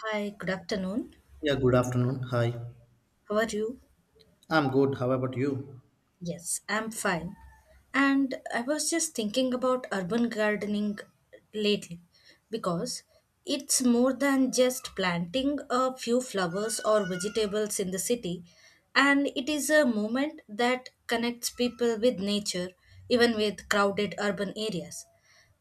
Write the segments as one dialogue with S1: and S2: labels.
S1: Hi, good afternoon.
S2: Yeah, good afternoon. Hi.
S1: How are you?
S2: I'm good. How about you?
S1: Yes, I'm fine. And I was just thinking about urban gardening lately because it's more than just planting a few flowers or vegetables in the city, and it is a movement that connects people with nature even with crowded urban areas.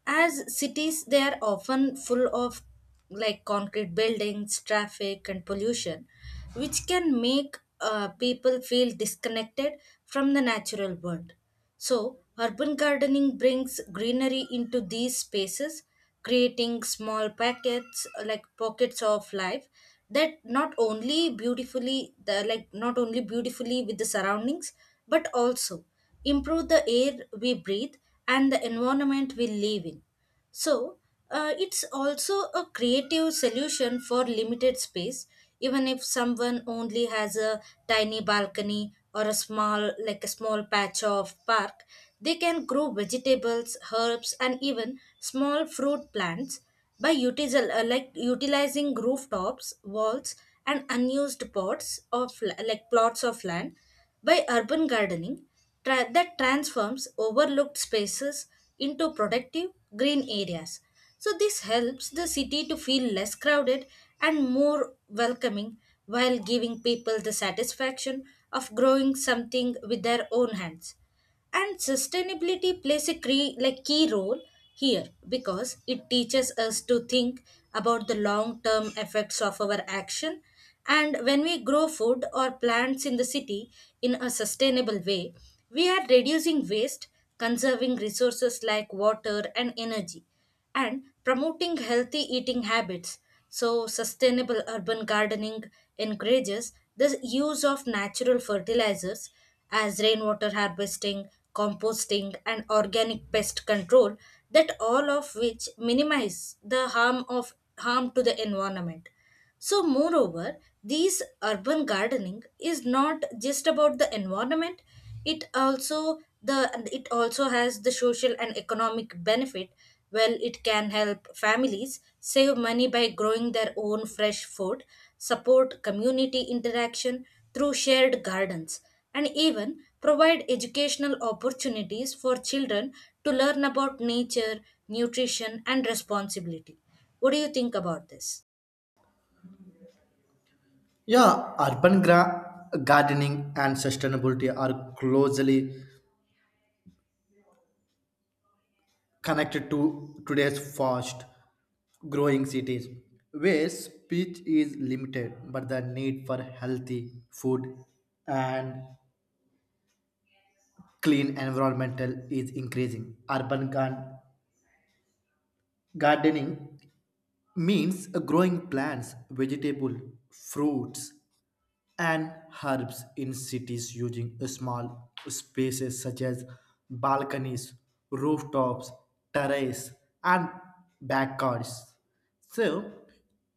S1: As cities, they are often full of like concrete buildings, traffic, and pollution, which can make people feel disconnected from the natural world. So, urban gardening brings greenery into these spaces, creating small packets like pockets of life that not only beautifully the like not only beautifully with the surroundings but also improve the air we breathe and the environment we live in. So, it's also a creative solution for limited space, even if someone only has a tiny balcony or a small, like a small patch of park. They can grow vegetables, herbs, and even small fruit plants by utilizing rooftops, walls, and unused pots of la- like plots of land by urban gardening that transforms overlooked spaces into productive green areas. So, this helps the city to feel less crowded and more welcoming while giving people the satisfaction of growing something with their own hands, and sustainability plays a key role here because it teaches us to think about the long term effects of our action. And when we grow food or plants in the city in a sustainable way, we are reducing waste, conserving resources like water and energy, and promoting healthy eating habits. So, sustainable urban gardening encourages the use of natural fertilizers as rainwater harvesting, composting, and organic pest control, that all of which minimize the harm to the environment. So, moreover, these urban gardening is not just about the environment; it also the it also has the social and economic benefit. Well, it can help families save money by growing their own fresh food, support community interaction through shared gardens, and even provide educational opportunities for children to learn about nature, nutrition, and responsibility. What do you think about this?
S2: Yeah, urban gardening and sustainability are closely connected to today's fast growing cities where speech is limited, but the need for healthy food and clean environmental is increasing. Urban gardening means growing plants, vegetable, fruits, and herbs in cities using small spaces such as balconies, rooftops, terrace, and backyards. So,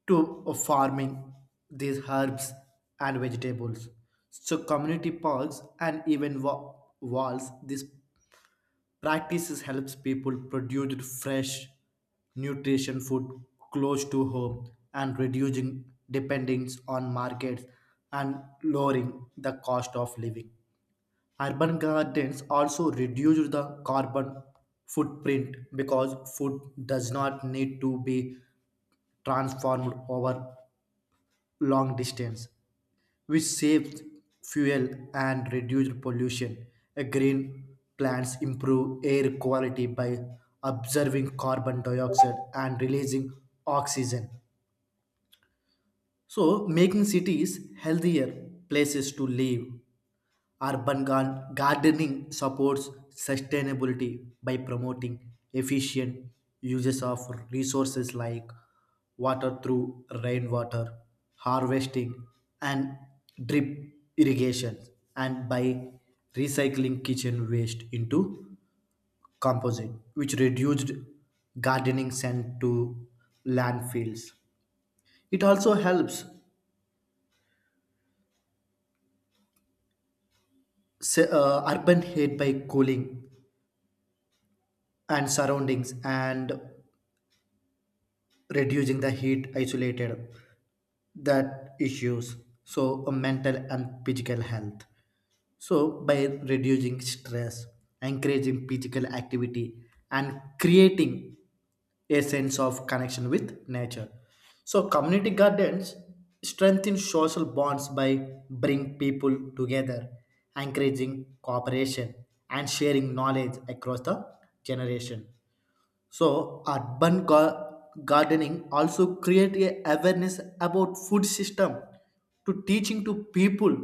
S2: to farming these herbs and vegetables. So, community parks and even walls, these practices helps people produce fresh, nutrition food close to home and reducing dependence on markets and lowering the cost of living. Urban gardens also reduce the carbon footprint because food does not need to be transformed over long distance, which saves fuel and reduces pollution. A green plants improve air quality by absorbing carbon dioxide and releasing oxygen. So, making cities healthier places to live. Urban gardening supports sustainability by promoting efficient uses of resources like water through rainwater harvesting and drip irrigation, and by recycling kitchen waste into composite, which reduced gardening sent to landfills. It also helps urban heat by cooling and surroundings and reducing the heat isolated that issues, so a mental and physical health, so by reducing stress, encouraging physical activity, and creating a sense of connection with nature. So community gardens strengthen social bonds by bring people together, encouraging cooperation, and sharing knowledge across the generation. So urban gardening also create a awareness about food system, to teaching to people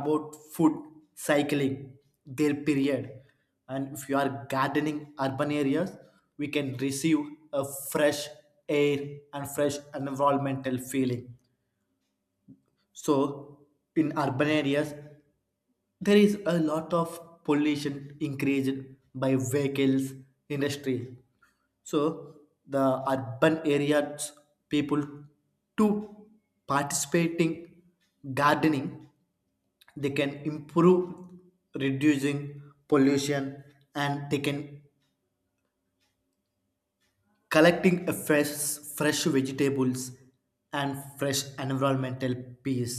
S2: about food cycling their period. And if you are gardening urban areas, we can receive a fresh air and fresh environmental feeling. So, in urban areas, there is a lot of pollution increased by vehicles, industry. So, the urban areas people to participating gardening, they can improve reducing pollution, and they can collecting a fresh vegetables and fresh environmental peace.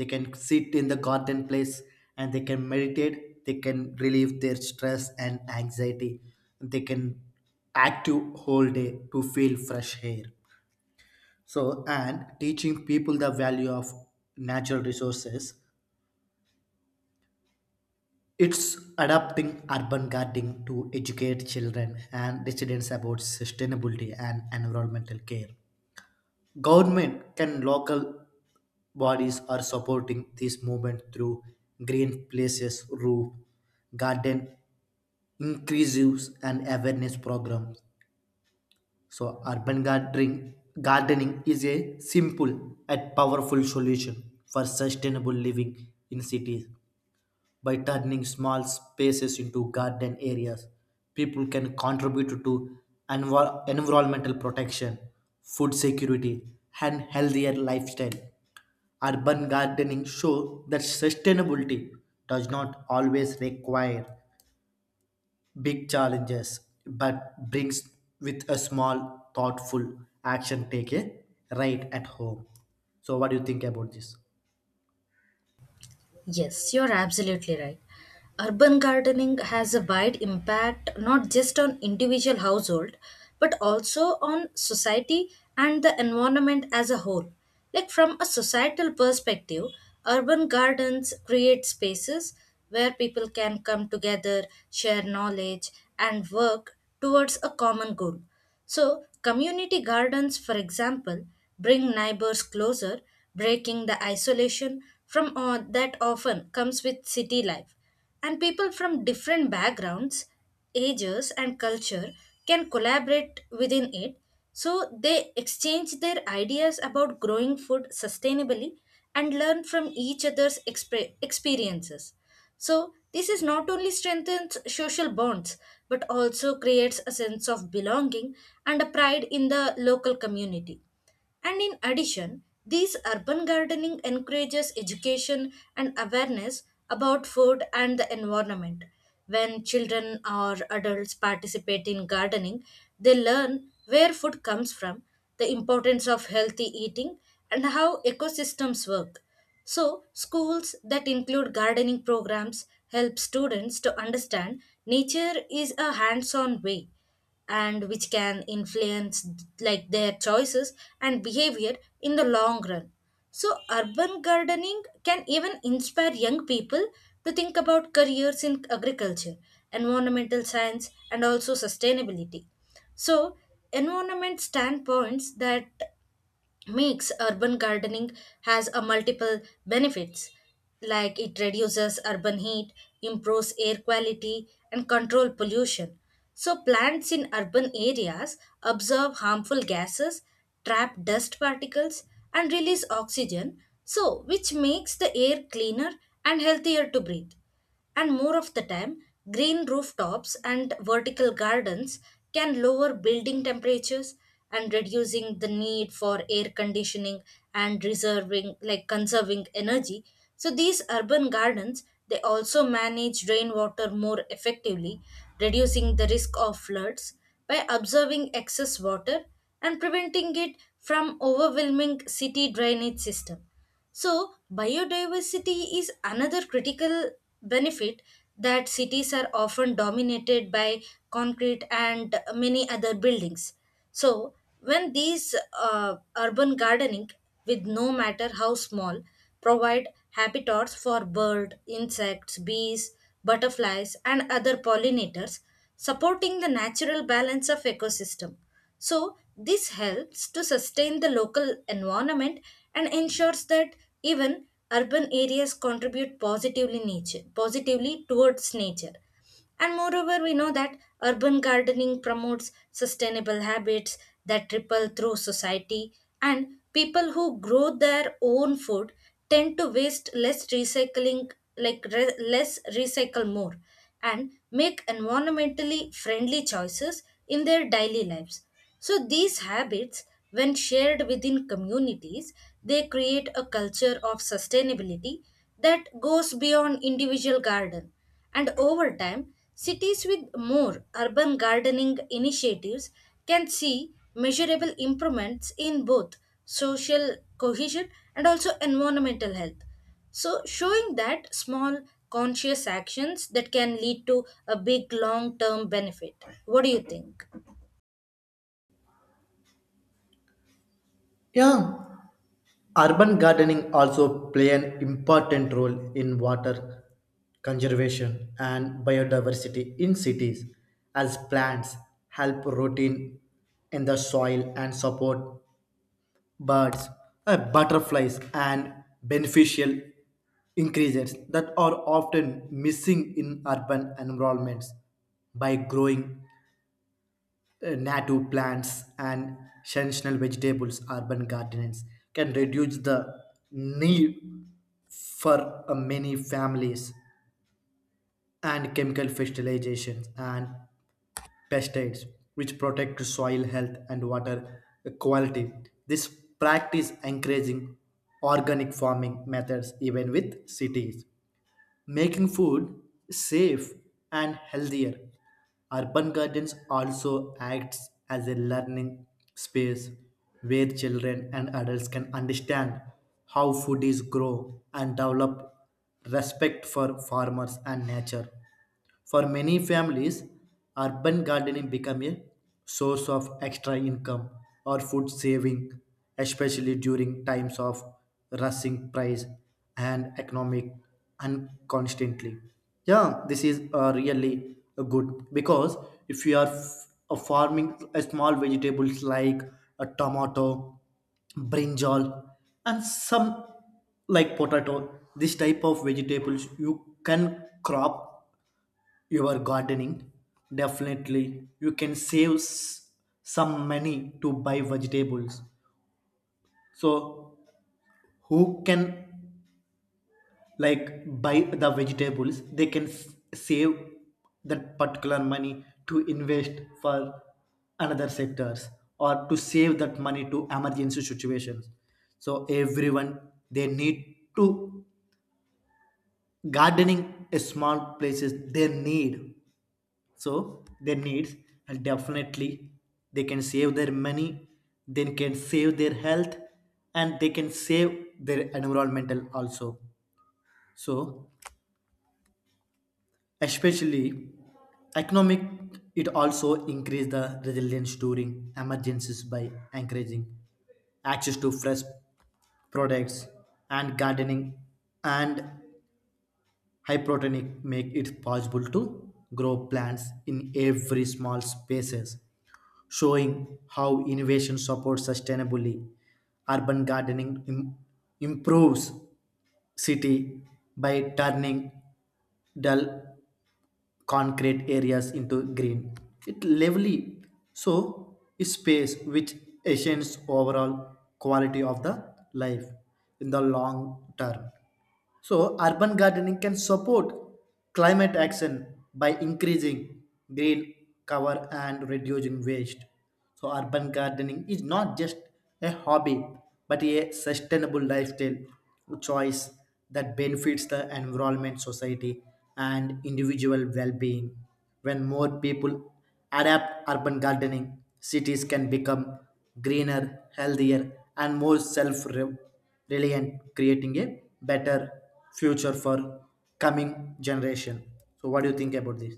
S2: They can sit in the garden place and they can meditate, they can relieve their stress and anxiety, they can active whole day to feel fresh air. So, and teaching people the value of natural resources, it's adapting urban gardening to educate children and residents about sustainability and environmental care. Government can local bodies are supporting this movement through green places, roof, garden, inclusives, and awareness programs. So urban gardening is a simple and powerful solution for sustainable living in cities. By turning small spaces into garden areas, people can contribute to environmental protection, food security, and healthier lifestyle. Urban gardening shows that sustainability does not always require big challenges, but brings with a small, thoughtful action taken right at home. So, what do you think about this?
S1: Yes, you're absolutely right. Urban gardening has a wide impact not just on individual household but also on society and the environment as a whole. Like from a societal perspective, urban gardens create spaces where people can come together, share knowledge and work towards a common goal. So, community gardens, for example, bring neighbors closer, breaking the isolation from all that often comes with city life. And people from different backgrounds, ages, and culture can collaborate within it. So, they exchange their ideas about growing food sustainably and learn from each other's experiences. So, this is not only strengthens social bonds but also creates a sense of belonging and a pride in the local community. And in addition, these urban gardening encourages education and awareness about food and the environment. When children or adults participate in gardening, they learn where food comes from, the importance of healthy eating, and how ecosystems work. So, schools that include gardening programs help students to understand nature is a hands on way, and which can influence like their choices and behavior in the long run. So urban gardening can even inspire young people to think about careers in agriculture, environmental science, and also sustainability. So environment standpoints that makes urban gardening has a multiple benefits, like it reduces urban heat, improves air quality, and control pollution. So plants in urban areas absorb harmful gases, trap dust particles, and release oxygen, so which makes the air cleaner and healthier to breathe. And more of the time, green rooftops and vertical gardens can lower building temperatures and reducing the need for air conditioning and reserving like conserving energy. So these urban gardens they also manage rainwater more effectively, reducing the risk of floods by observing excess water and preventing it from overwhelming city drainage system. So, biodiversity is another critical benefit, that cities are often dominated by concrete and many other buildings. So, when these urban gardening, with no matter how small, provide habitats for bird, insects, bees, butterflies, and other pollinators, supporting the natural balance of ecosystem. So, this helps to sustain the local environment and ensures that even urban areas contribute positively nature positively towards nature. And moreover, we know that urban gardening promotes sustainable habits that ripple through society, and people who grow their own food tend to waste less recycling, like less recycle more, and make environmentally friendly choices in their daily lives. So, these habits, when shared within communities, they create a culture of sustainability that goes beyond individual garden. And over time, cities with more urban gardening initiatives can see measurable improvements in both social cohesion and also environmental health. So, showing that small conscious actions that can lead to a big long term benefit. What do you think?
S2: Yeah, urban gardening also play an important role in water conservation and biodiversity in cities, as plants help root in the soil and support birds, butterflies, and beneficial increases that are often missing in urban environments. By growing native plants and seasonal vegetables, urban gardens can reduce the need for many families and chemical fertilizations and pesticides, which protect soil health and water quality. This practice encouraging organic farming methods even with cities, making food safe and healthier. Urban gardens also acts as a learning space where children and adults can understand how food is grown and develop respect for farmers and nature. For many families, urban gardening become a source of extra income or food saving, especially during times of rushing price and economic unconstantly. Yeah, this is really good because if you are farming a small vegetables like a tomato, brinjal, and some like potato, this type of vegetables you can crop your gardening, definitely you can save some money to buy vegetables. So who can like buy the vegetables? They can save that particular money to invest for another sectors or to save that money to emergency situations. So everyone, they need to gardening a small places they need, so their needs, and definitely they can save their money, they can save their health, and they can save their environmental also. So especially economic, it also increase the resilience during emergencies by encouraging access to fresh products. And gardening and hydroponic make it possible to grow plants in every small spaces, showing how innovation supports sustainably. Urban gardening improves city by turning dull concrete areas into green. It lively so is space, which enhances overall quality of the life in the long term. So, urban gardening can support climate action by increasing green cover and reducing waste. So, urban gardening is not just a hobby, but a sustainable lifestyle choice that benefits the environment, society, and individual well being. When more people adapt urban gardening, cities can become greener, healthier, and more self really, and creating a better future for coming generation. So what do you think about this?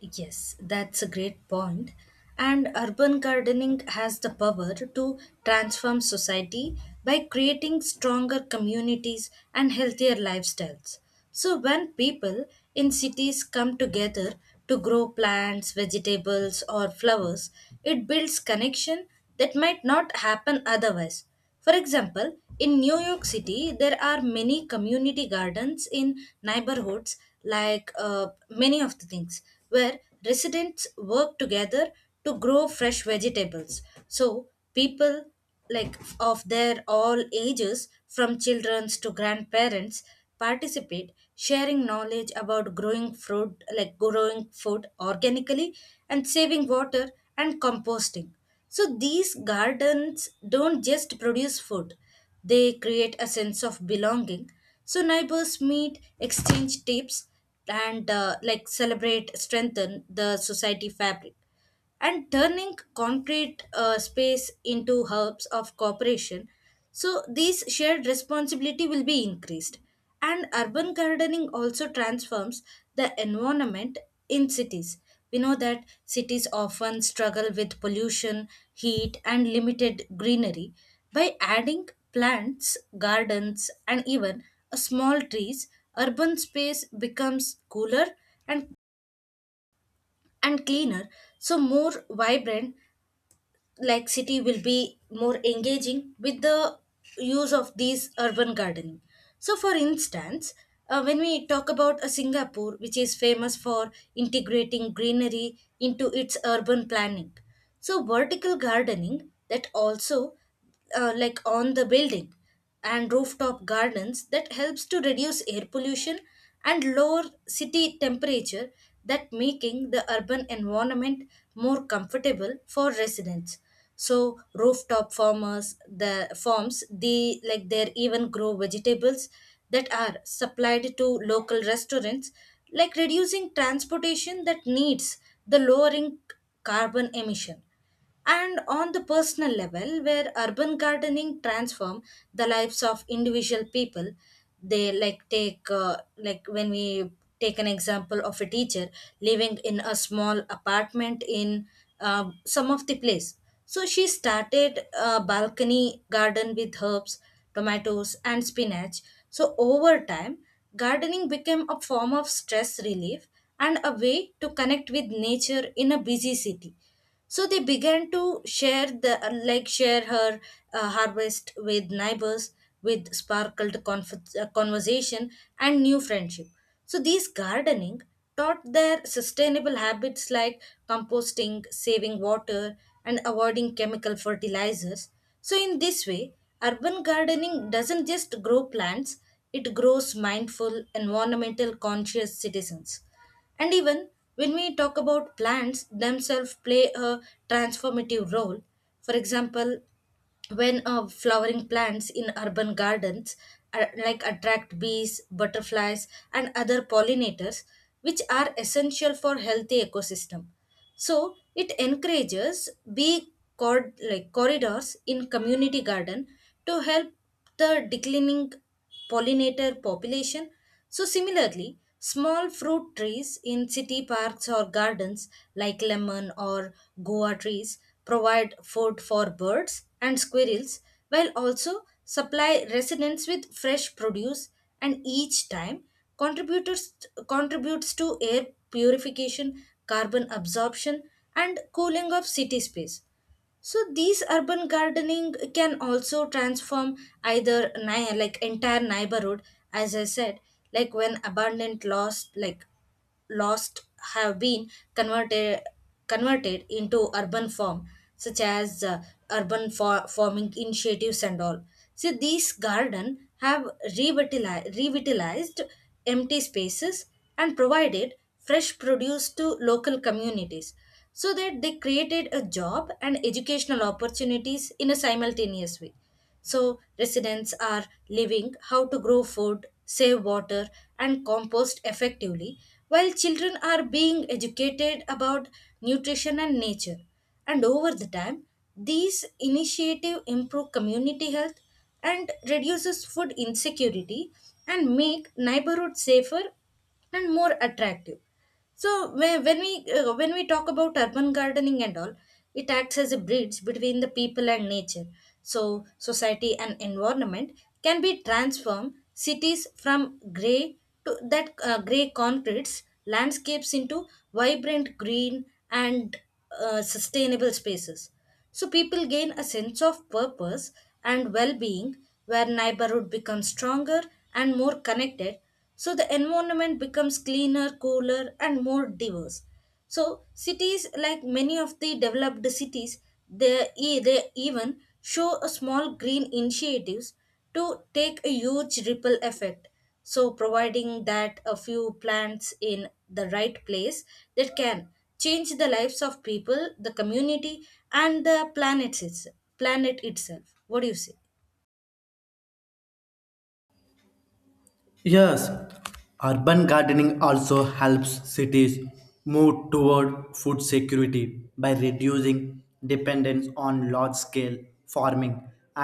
S1: Yes, that's a great point. And urban gardening has the power to transform society by creating stronger communities and healthier lifestyles. So, when people in cities come together to grow plants, vegetables, or flowers, it builds connection that might not happen otherwise. For example, in New York City, there are many community gardens in neighborhoods, like many of the things, where residents work together to grow fresh vegetables. So, people like of their all ages, from children to grandparents, participate, sharing knowledge about growing fruit, like growing food organically, and saving water and composting. So these gardens don't just produce food, they create a sense of belonging. So neighbors meet, exchange tips, and like celebrate, strengthen the society fabric and turning concrete space into hubs of cooperation. So, these shared responsibility will be increased. And urban gardening also transforms the environment in cities. We know that cities often struggle with pollution, heat, and limited greenery. By adding plants, gardens, and even a small trees, urban space becomes cooler and and cleaner, so more vibrant, like city will be more engaging with the use of these urban gardening. So for instance, when we talk about a Singapore, which is famous for integrating greenery into its urban planning. So vertical gardening that also like on the building and rooftop gardens that helps to reduce air pollution and lower city temperature, that making the urban environment more comfortable for residents. So rooftop farmers the farms, they like they even grow vegetables that are supplied to local restaurants, like reducing transportation that needs the lowering carbon emission. And on the personal level where urban gardening transform the lives of individual people, they like take like when we take an example of a teacher living in a small apartment in some of the place. So she started a balcony garden with herbs, tomatoes, and spinach. So over time, gardening became a form of stress relief and a way to connect with nature in a busy city. So they began to share the like share her harvest with neighbors, with sparkled conversation and new friendship. So these gardening taught their sustainable habits like composting, saving water, and avoiding chemical fertilizers. So in this way, urban gardening doesn't just grow plants, it grows mindful environmental conscious citizens. And even when we talk about plants themselves play a transformative role. For example, when flowering plants in urban gardens are, like attract bees, butterflies, and other pollinators which are essential for healthy ecosystem. So it encourages bee cord like corridors in community garden to help the declining pollinator population. So, similarly, small fruit trees in city parks or gardens like lemon or goa trees provide food for birds and squirrels while also supply residents with fresh produce. And each time contributors contributes to air purification, carbon absorption, and cooling of city space. So these urban gardening can also transform either entire neighborhood, as I said, like when abundant lost like lost have been converted converted into urban form, such as urban farming initiatives and all. So these garden have revitalized empty spaces and provided fresh produce to local communities, so that they created a job and educational opportunities in a simultaneous way. So, residents are living how to grow food, save water, and compost effectively, while children are being educated about nutrition and nature. And over the time, these initiatives improve community health and reduces food insecurity and make neighborhoods safer and more attractive. So whe- when we when we talk about urban gardening and all, it acts as a bridge between the people and nature. So society and environment can be transformed cities from gray to that gray concretes landscapes into vibrant green and sustainable spaces. So people gain a sense of purpose and well being, where neighborhood becomes stronger and more connected. So the environment becomes cleaner, cooler, and more diverse. So cities, like many of the developed cities, they even show a small green initiatives to take a huge ripple effect. So, providing that a few plants in the right place that can change the lives of people, the community, and the planet itself. Planet itself. What do you say?
S2: Yes, urban gardening also helps cities move toward food security by reducing dependence on large scale farming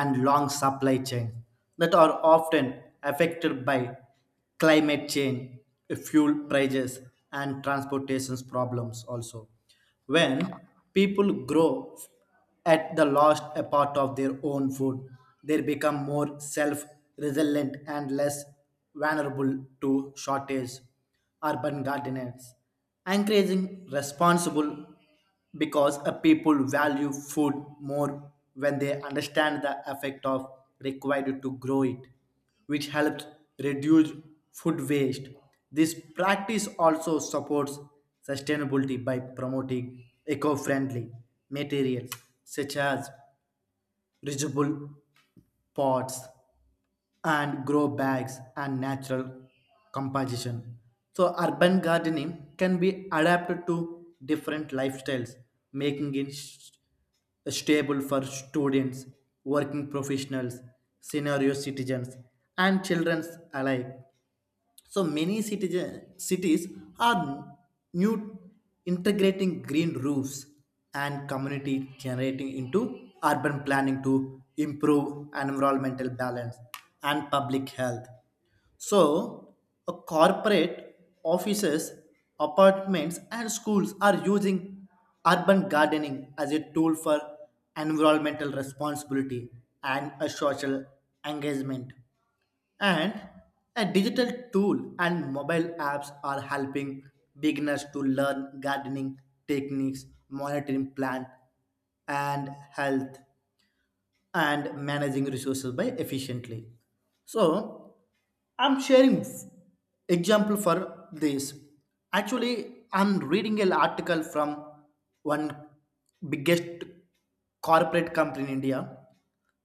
S2: and long supply chains that are often affected by climate change, fuel prices, and transportation problems also. When people grow at the lost a part of their own food, they become more self resilient and less vulnerable to shortage. Urban gardeners encouraging responsible, because a people value food more when they understand the effect of required to grow it, which helps reduce food waste. This practice also supports sustainability by promoting eco friendly materials such as reusable pots and grow bags and natural composition. So urban gardening can be adapted to different lifestyles, making it stable for students, working professionals, senior citizens, and children alike. So many citizen, cities are new integrating green roofs and community generating into urban planning to improve environmental balance and public health. So, a corporate offices, apartments, and schools are using urban gardening as a tool for environmental responsibility and a social engagement. And a digital tool and mobile apps are helping beginners to learn gardening techniques, monitoring plant and health, and managing resources by efficiently. So I'm sharing example for this. Actually, I'm reading an article from one biggest corporate company in India.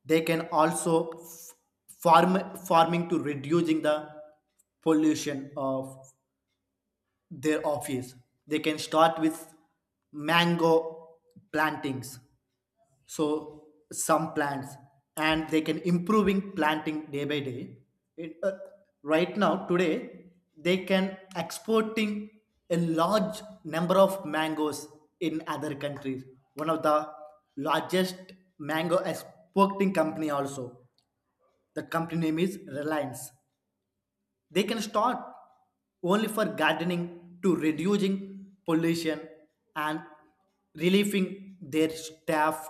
S2: They can also farming to reducing the pollution of their office. They can start with mango plantings, so some plants, and they can improving planting day by day. It, right now today they can exporting a large number of mangoes in other countries. One of the largest mango exporting company also, the company name is Reliance. They can start only for gardening to reducing pollution and relieving their staff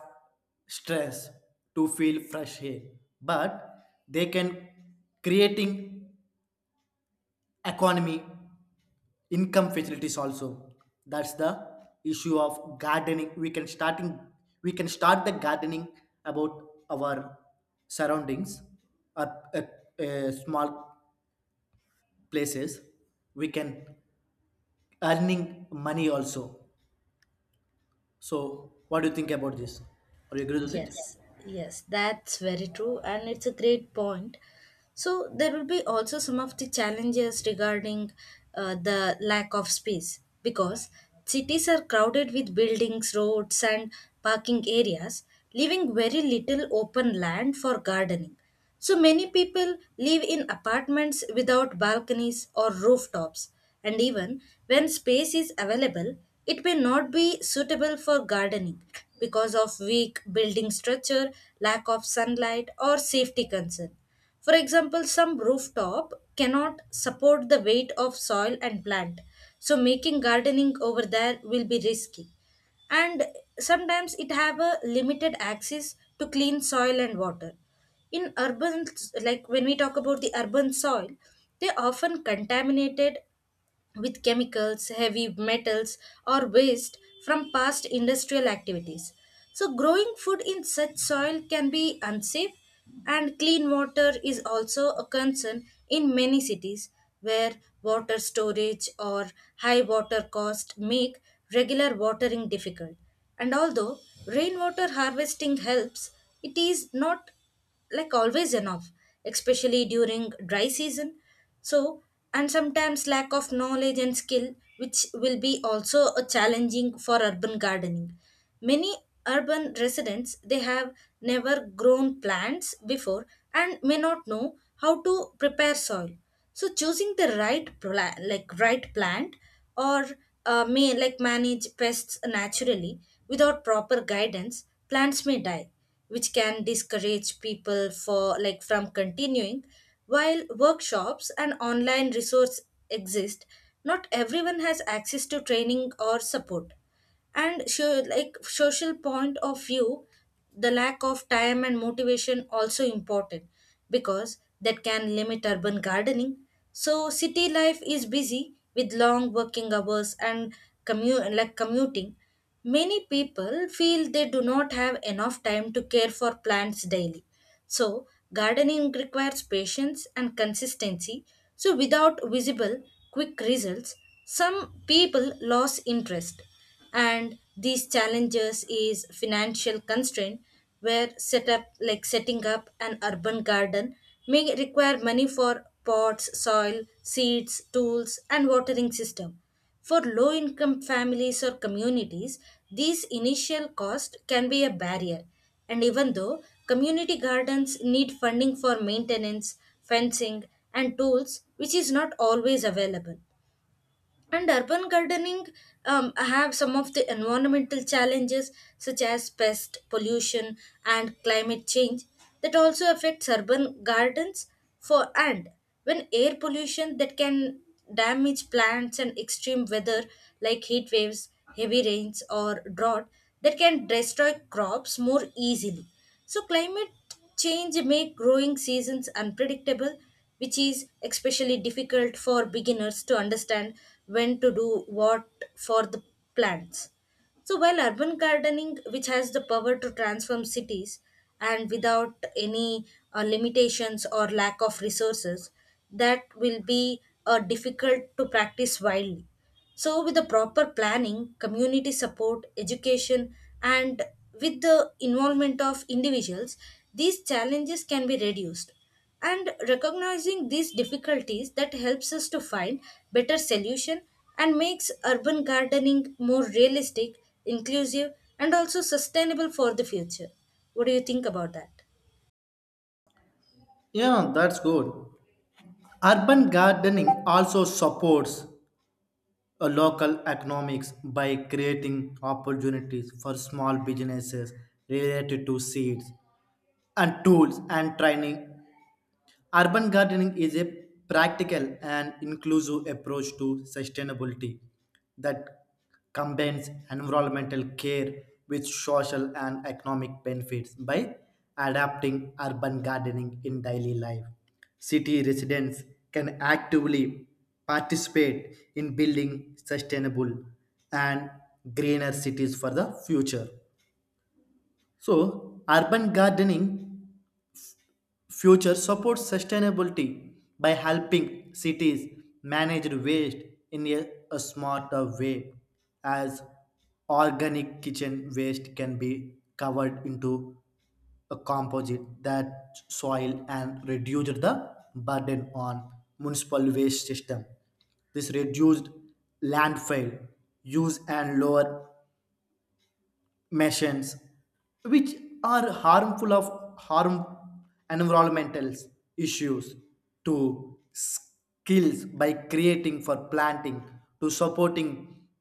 S2: stress to feel fresh air. But they can creating economy income facilities also. That's the issue of gardening, we can starting, we can start the gardening about our surroundings or uh, small places, we can earning money also. So, what do you think about this? Are you agree with it?
S1: Yes, yes, that's very true, and it's a great point. So there will be also some of the challenges regarding the lack of space because cities are crowded with buildings, roads, and parking areas, leaving very little open land for gardening. So many people live in apartments without balconies or rooftops, and even when space is available, it may not be suitable for gardening because of weak building structure, lack of sunlight, or safety concern. For example, some rooftop cannot support the weight of soil and plant, so making gardening over there will be risky, and sometimes it have a limited access to clean soil and water in urban, like when we talk about the urban soil, they often contaminated with chemicals, heavy metals, or waste from past industrial activities. So, growing food in such soil can be unsafe, and clean water is also a concern in many cities where water storage or high water cost make regular watering difficult. And although rainwater harvesting helps, it is not like always enough, especially during dry season. So and sometimes lack of knowledge and skill, which will be also a challenging for urban gardening. Many urban residents, they have never grown plants before and may not know how to prepare soil, so choosing the like right plant or may like manage pests naturally. Without proper guidance plants may die, which can discourage people for like from continuing. While workshops and online resource exist, not everyone has access to training or support. And so like social point of view, the lack of time and motivation also important because that can limit urban gardening. So city life is busy with long working hours and like commuting. Many people feel they do not have enough time to care for plants daily. So, gardening requires patience and consistency. So, without visible, quick results, some people lose interest. And these challenges is financial constraint, where setup like setting up an urban garden may require money for pots, soil, seeds, tools and watering system. For low income families or communities, these initial costs can be a barrier. And even though community gardens need funding for maintenance, fencing, and tools, which is not always available. And urban gardening have some of the environmental challenges such as pest, pollution, and climate change that also affects urban gardens. For and when air pollution that can damage plants and extreme weather like heat waves, heavy rains, or drought that can destroy crops more easily. So climate change make growing seasons unpredictable, which is especially difficult for beginners to understand when to do what for the plants. So while urban gardening, which has the power to transform cities and without any limitations or lack of resources, that will be difficult to practice widely. So with the proper planning, community support, education, and with the involvement of individuals, these challenges can be reduced, and recognizing these difficulties that helps us to find better solution and makes urban gardening more realistic, inclusive, and also sustainable for the future. What do you think about that?
S2: Yeah, that's good. Urban gardening also supports a local economics by creating opportunities for small businesses related to seeds and tools and training. Urban gardening is a practical and inclusive approach to sustainability that combines environmental care with social and economic benefits. By adapting urban gardening in daily life, city residents can actively participate in building sustainable and greener cities for the future. So, urban gardening future supports sustainability by helping cities manage waste in a smarter way, as organic kitchen waste can be covered into a composite that soil and reduce the burden on municipal waste system. This reduced landfill use and lower machines, which are harmful of harm environmental issues to skills by creating for planting, to supporting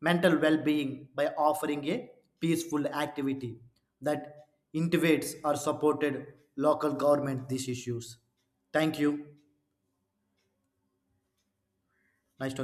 S2: mental well-being by offering a peaceful activity that integrates or supported local government these issues. Thank you. Nice to